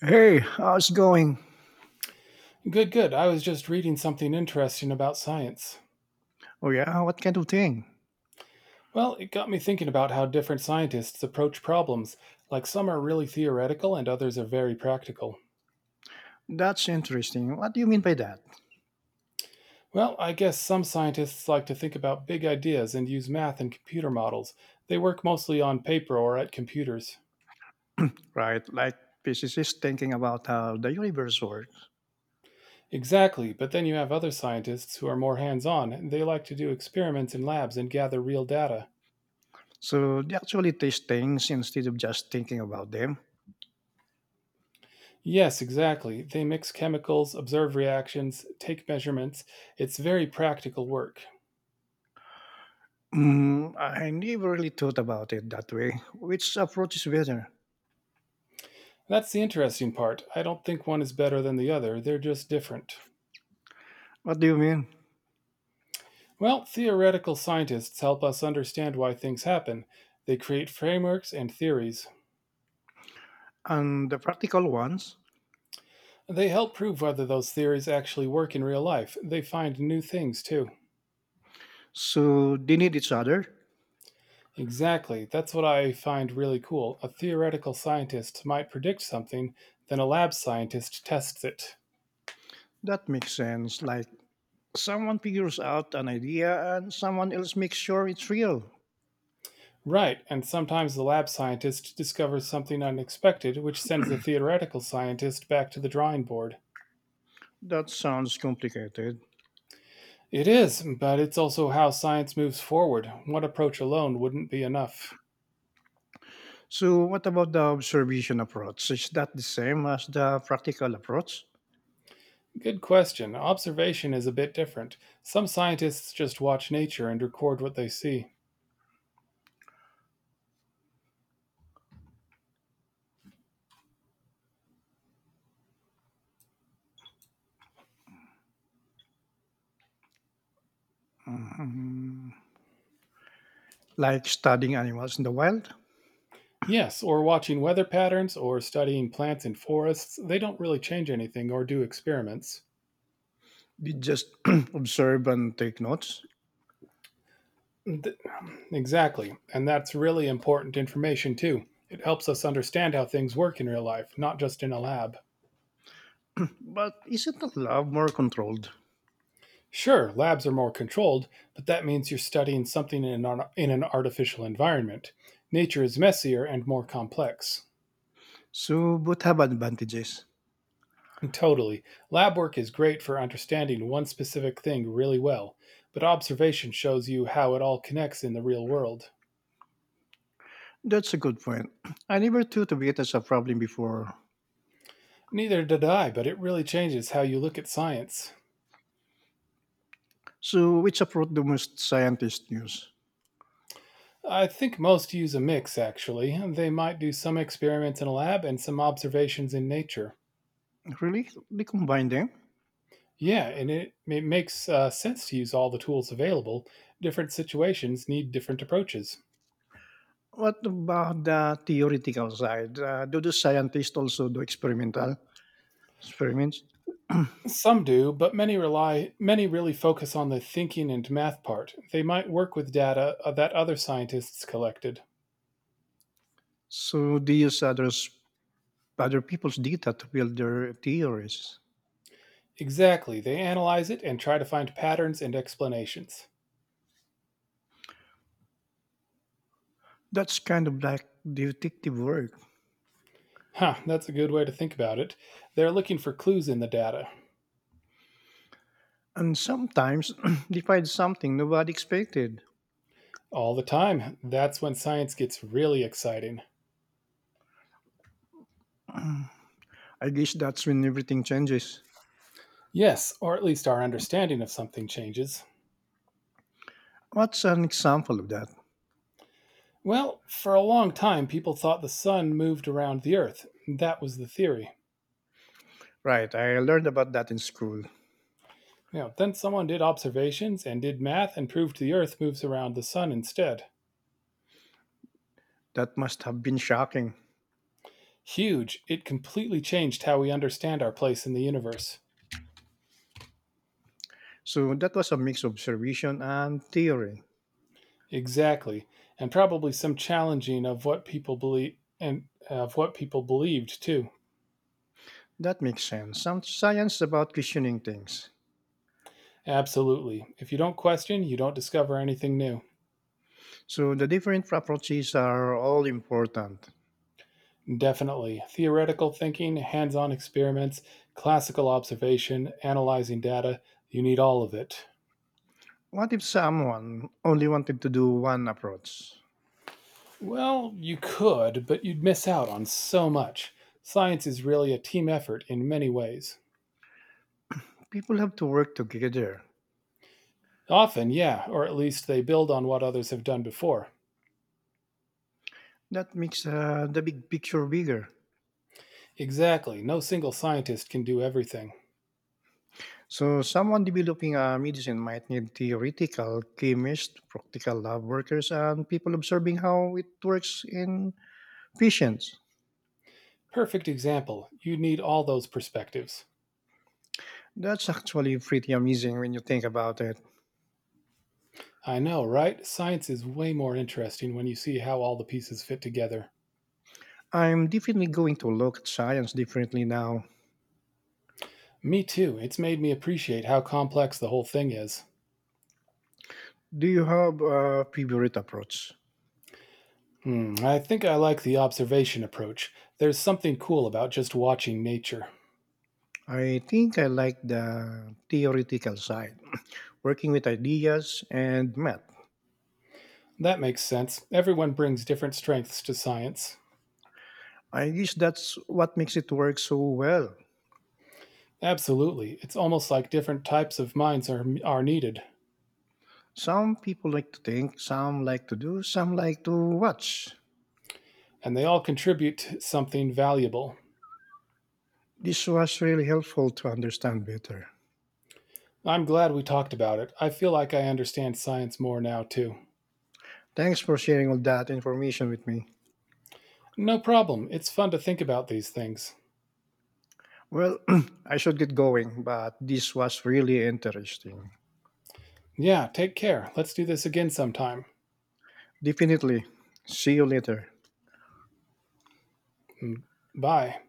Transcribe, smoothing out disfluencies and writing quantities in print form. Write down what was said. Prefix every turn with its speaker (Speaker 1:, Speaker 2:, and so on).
Speaker 1: Hey, how's it going?
Speaker 2: Good, good. I was just reading something interesting about science.
Speaker 1: Oh, yeah, what kind of thing?
Speaker 2: Well, it got me thinking about how different scientists approach problems. Like some are really theoretical and others are very practical.
Speaker 1: That's interesting. What do you mean by that?
Speaker 2: Well, I guess some scientists like to think about big ideas and use math and computer models. They work mostly on paper or at computers.
Speaker 1: Right, like physicists thinking about how the universe works.
Speaker 2: Exactly, but then you have other scientists who are more hands on and they like to do experiments in labs and gather real data.
Speaker 1: So they actually taste things instead of just thinking about them.
Speaker 2: Yes, exactly. They mix chemicals, observe reactions, take measurements. It's very practical work.
Speaker 1: Mm, I never really thought about it that way. Which approach is better?
Speaker 2: That's the interesting part. I don't think one is better than the other, they're just different.
Speaker 1: What do you mean?
Speaker 2: Well, theoretical scientists help us understand why things happen. They create frameworks and theories.
Speaker 1: And the practical ones?
Speaker 2: They help prove whether those theories actually work in real life. They find new things, too.
Speaker 1: So they need each other?
Speaker 2: Exactly. That's what I find really cool. A theoretical scientist might predict something, then a lab scientist tests it.
Speaker 1: That makes sense. Like someone figures out an idea and someone else makes sure it's real.
Speaker 2: Right, and sometimes the lab scientist discovers something unexpected, which sends the theoretical scientist back to the drawing board.
Speaker 1: That sounds complicated.
Speaker 2: It is, but it's also how science moves forward. One approach alone wouldn't be enough.
Speaker 1: So what about the observation approach? Is that the same as the practical approach?
Speaker 2: Good question. Observation is a bit different. Some scientists just watch nature and record what they see.
Speaker 1: Mm, like studying animals in the wild?
Speaker 2: Yes, or watching weather patterns or studying plants in forests, they don't really change anything or do experiments.
Speaker 1: You just observe and take notes?
Speaker 2: Th- Exactly. And that's really important information, too. It helps us understand how things work in real life, not just in a lab.
Speaker 1: But isn't the lab more controlled?
Speaker 2: Sure, labs are more controlled, but that means you're studying something in an artificial environment. Nature is messier and more complex.
Speaker 1: So both have advantages.
Speaker 2: Totally. Lab work is great for understanding one specific thing really well, but observation shows you how it all connects in the real world.
Speaker 1: That's a good point. I never thought of it as a problem before.
Speaker 2: Neither did I, but it really changes how you look at science.
Speaker 1: So which approach do most scientists use?
Speaker 2: I think most use a mix, actually. They might do some experiments in a lab and some observations in nature.
Speaker 1: Really? They combine them?
Speaker 2: Yeah, and it makes sense to use all the tools available. Different situations need different approaches.
Speaker 1: What about the theoretical side? Do the scientists also do experimental experiments?
Speaker 2: Some do, but many really focus on the thinking and math part. They might work with data that other scientists collected.
Speaker 1: So they use others, other people's data to build their theories.
Speaker 2: Exactly. They analyze it and try to find patterns and explanations.
Speaker 1: That's kind of like detective work.
Speaker 2: Huh, that's a good way to think about it. They're looking for clues in the data.
Speaker 1: And sometimes they find something nobody expected.
Speaker 2: All the time. That's when science gets really exciting.
Speaker 1: I guess that's when everything changes.
Speaker 2: Yes, or at least our understanding of something changes.
Speaker 1: What's an example of that?
Speaker 2: Well, for a long time, people thought the sun moved around the earth. That was the theory.
Speaker 1: Right, I learned about that in school.
Speaker 2: You know, then someone did observations and did math and proved the earth moves around the sun instead.
Speaker 1: That must have been shocking.
Speaker 2: Huge. It completely changed how we understand our place in the universe.
Speaker 1: So that was a mix of observation and theory.
Speaker 2: Exactly. And probably some challenging of what people believe and of what people believed too.
Speaker 1: That makes sense. Some science about questioning things.
Speaker 2: Absolutely. If you don't question, you don't discover anything new.
Speaker 1: So the different approaches are all important.
Speaker 2: Definitely. Theoretical thinking, hands on experiments, classical observation, analyzing data, you need all of it.
Speaker 1: What if someone only wanted to do one approach?
Speaker 2: Well, you could, but you'd miss out on so much. Science is really a team effort in many ways.
Speaker 1: People have to work together.
Speaker 2: Often, yeah, or at least they build on what others have done before.
Speaker 1: That makes the big picture bigger.
Speaker 2: Exactly. No single scientist can do everything.
Speaker 1: So someone developing a medicine might need theoretical chemists, practical lab workers, and people observing how it works in patients.
Speaker 2: Perfect example. You need all those perspectives.
Speaker 1: That's actually pretty amazing when you think about it.
Speaker 2: I know, right? Science is way more interesting when you see how all the pieces fit together.
Speaker 1: I'm definitely going to look at science differently now.
Speaker 2: Me too. It's made me appreciate how complex the whole thing is.
Speaker 1: Do you have a favorite approach?
Speaker 2: Hmm, I think I like the observation approach. There's something cool about just watching nature.
Speaker 1: I think I like the theoretical side, working with ideas and math.
Speaker 2: That makes sense. Everyone brings different strengths to science.
Speaker 1: I guess that's what makes it work so well.
Speaker 2: Absolutely. It's almost like different types of minds are needed,
Speaker 1: Some people like to think, some like to do, some like to watch.
Speaker 2: and they all contribute to something valuable.
Speaker 1: This was really helpful to understand better.
Speaker 2: I'm glad we talked about it. I feel like I understand science more now too.
Speaker 1: Thanks for sharing all that information with me.
Speaker 2: No problem. It's fun to think about these things.
Speaker 1: Well, I should get going, but this was really interesting.
Speaker 2: Yeah, take care. Let's do this again sometime.
Speaker 1: Definitely. See you later.
Speaker 2: Mm, bye.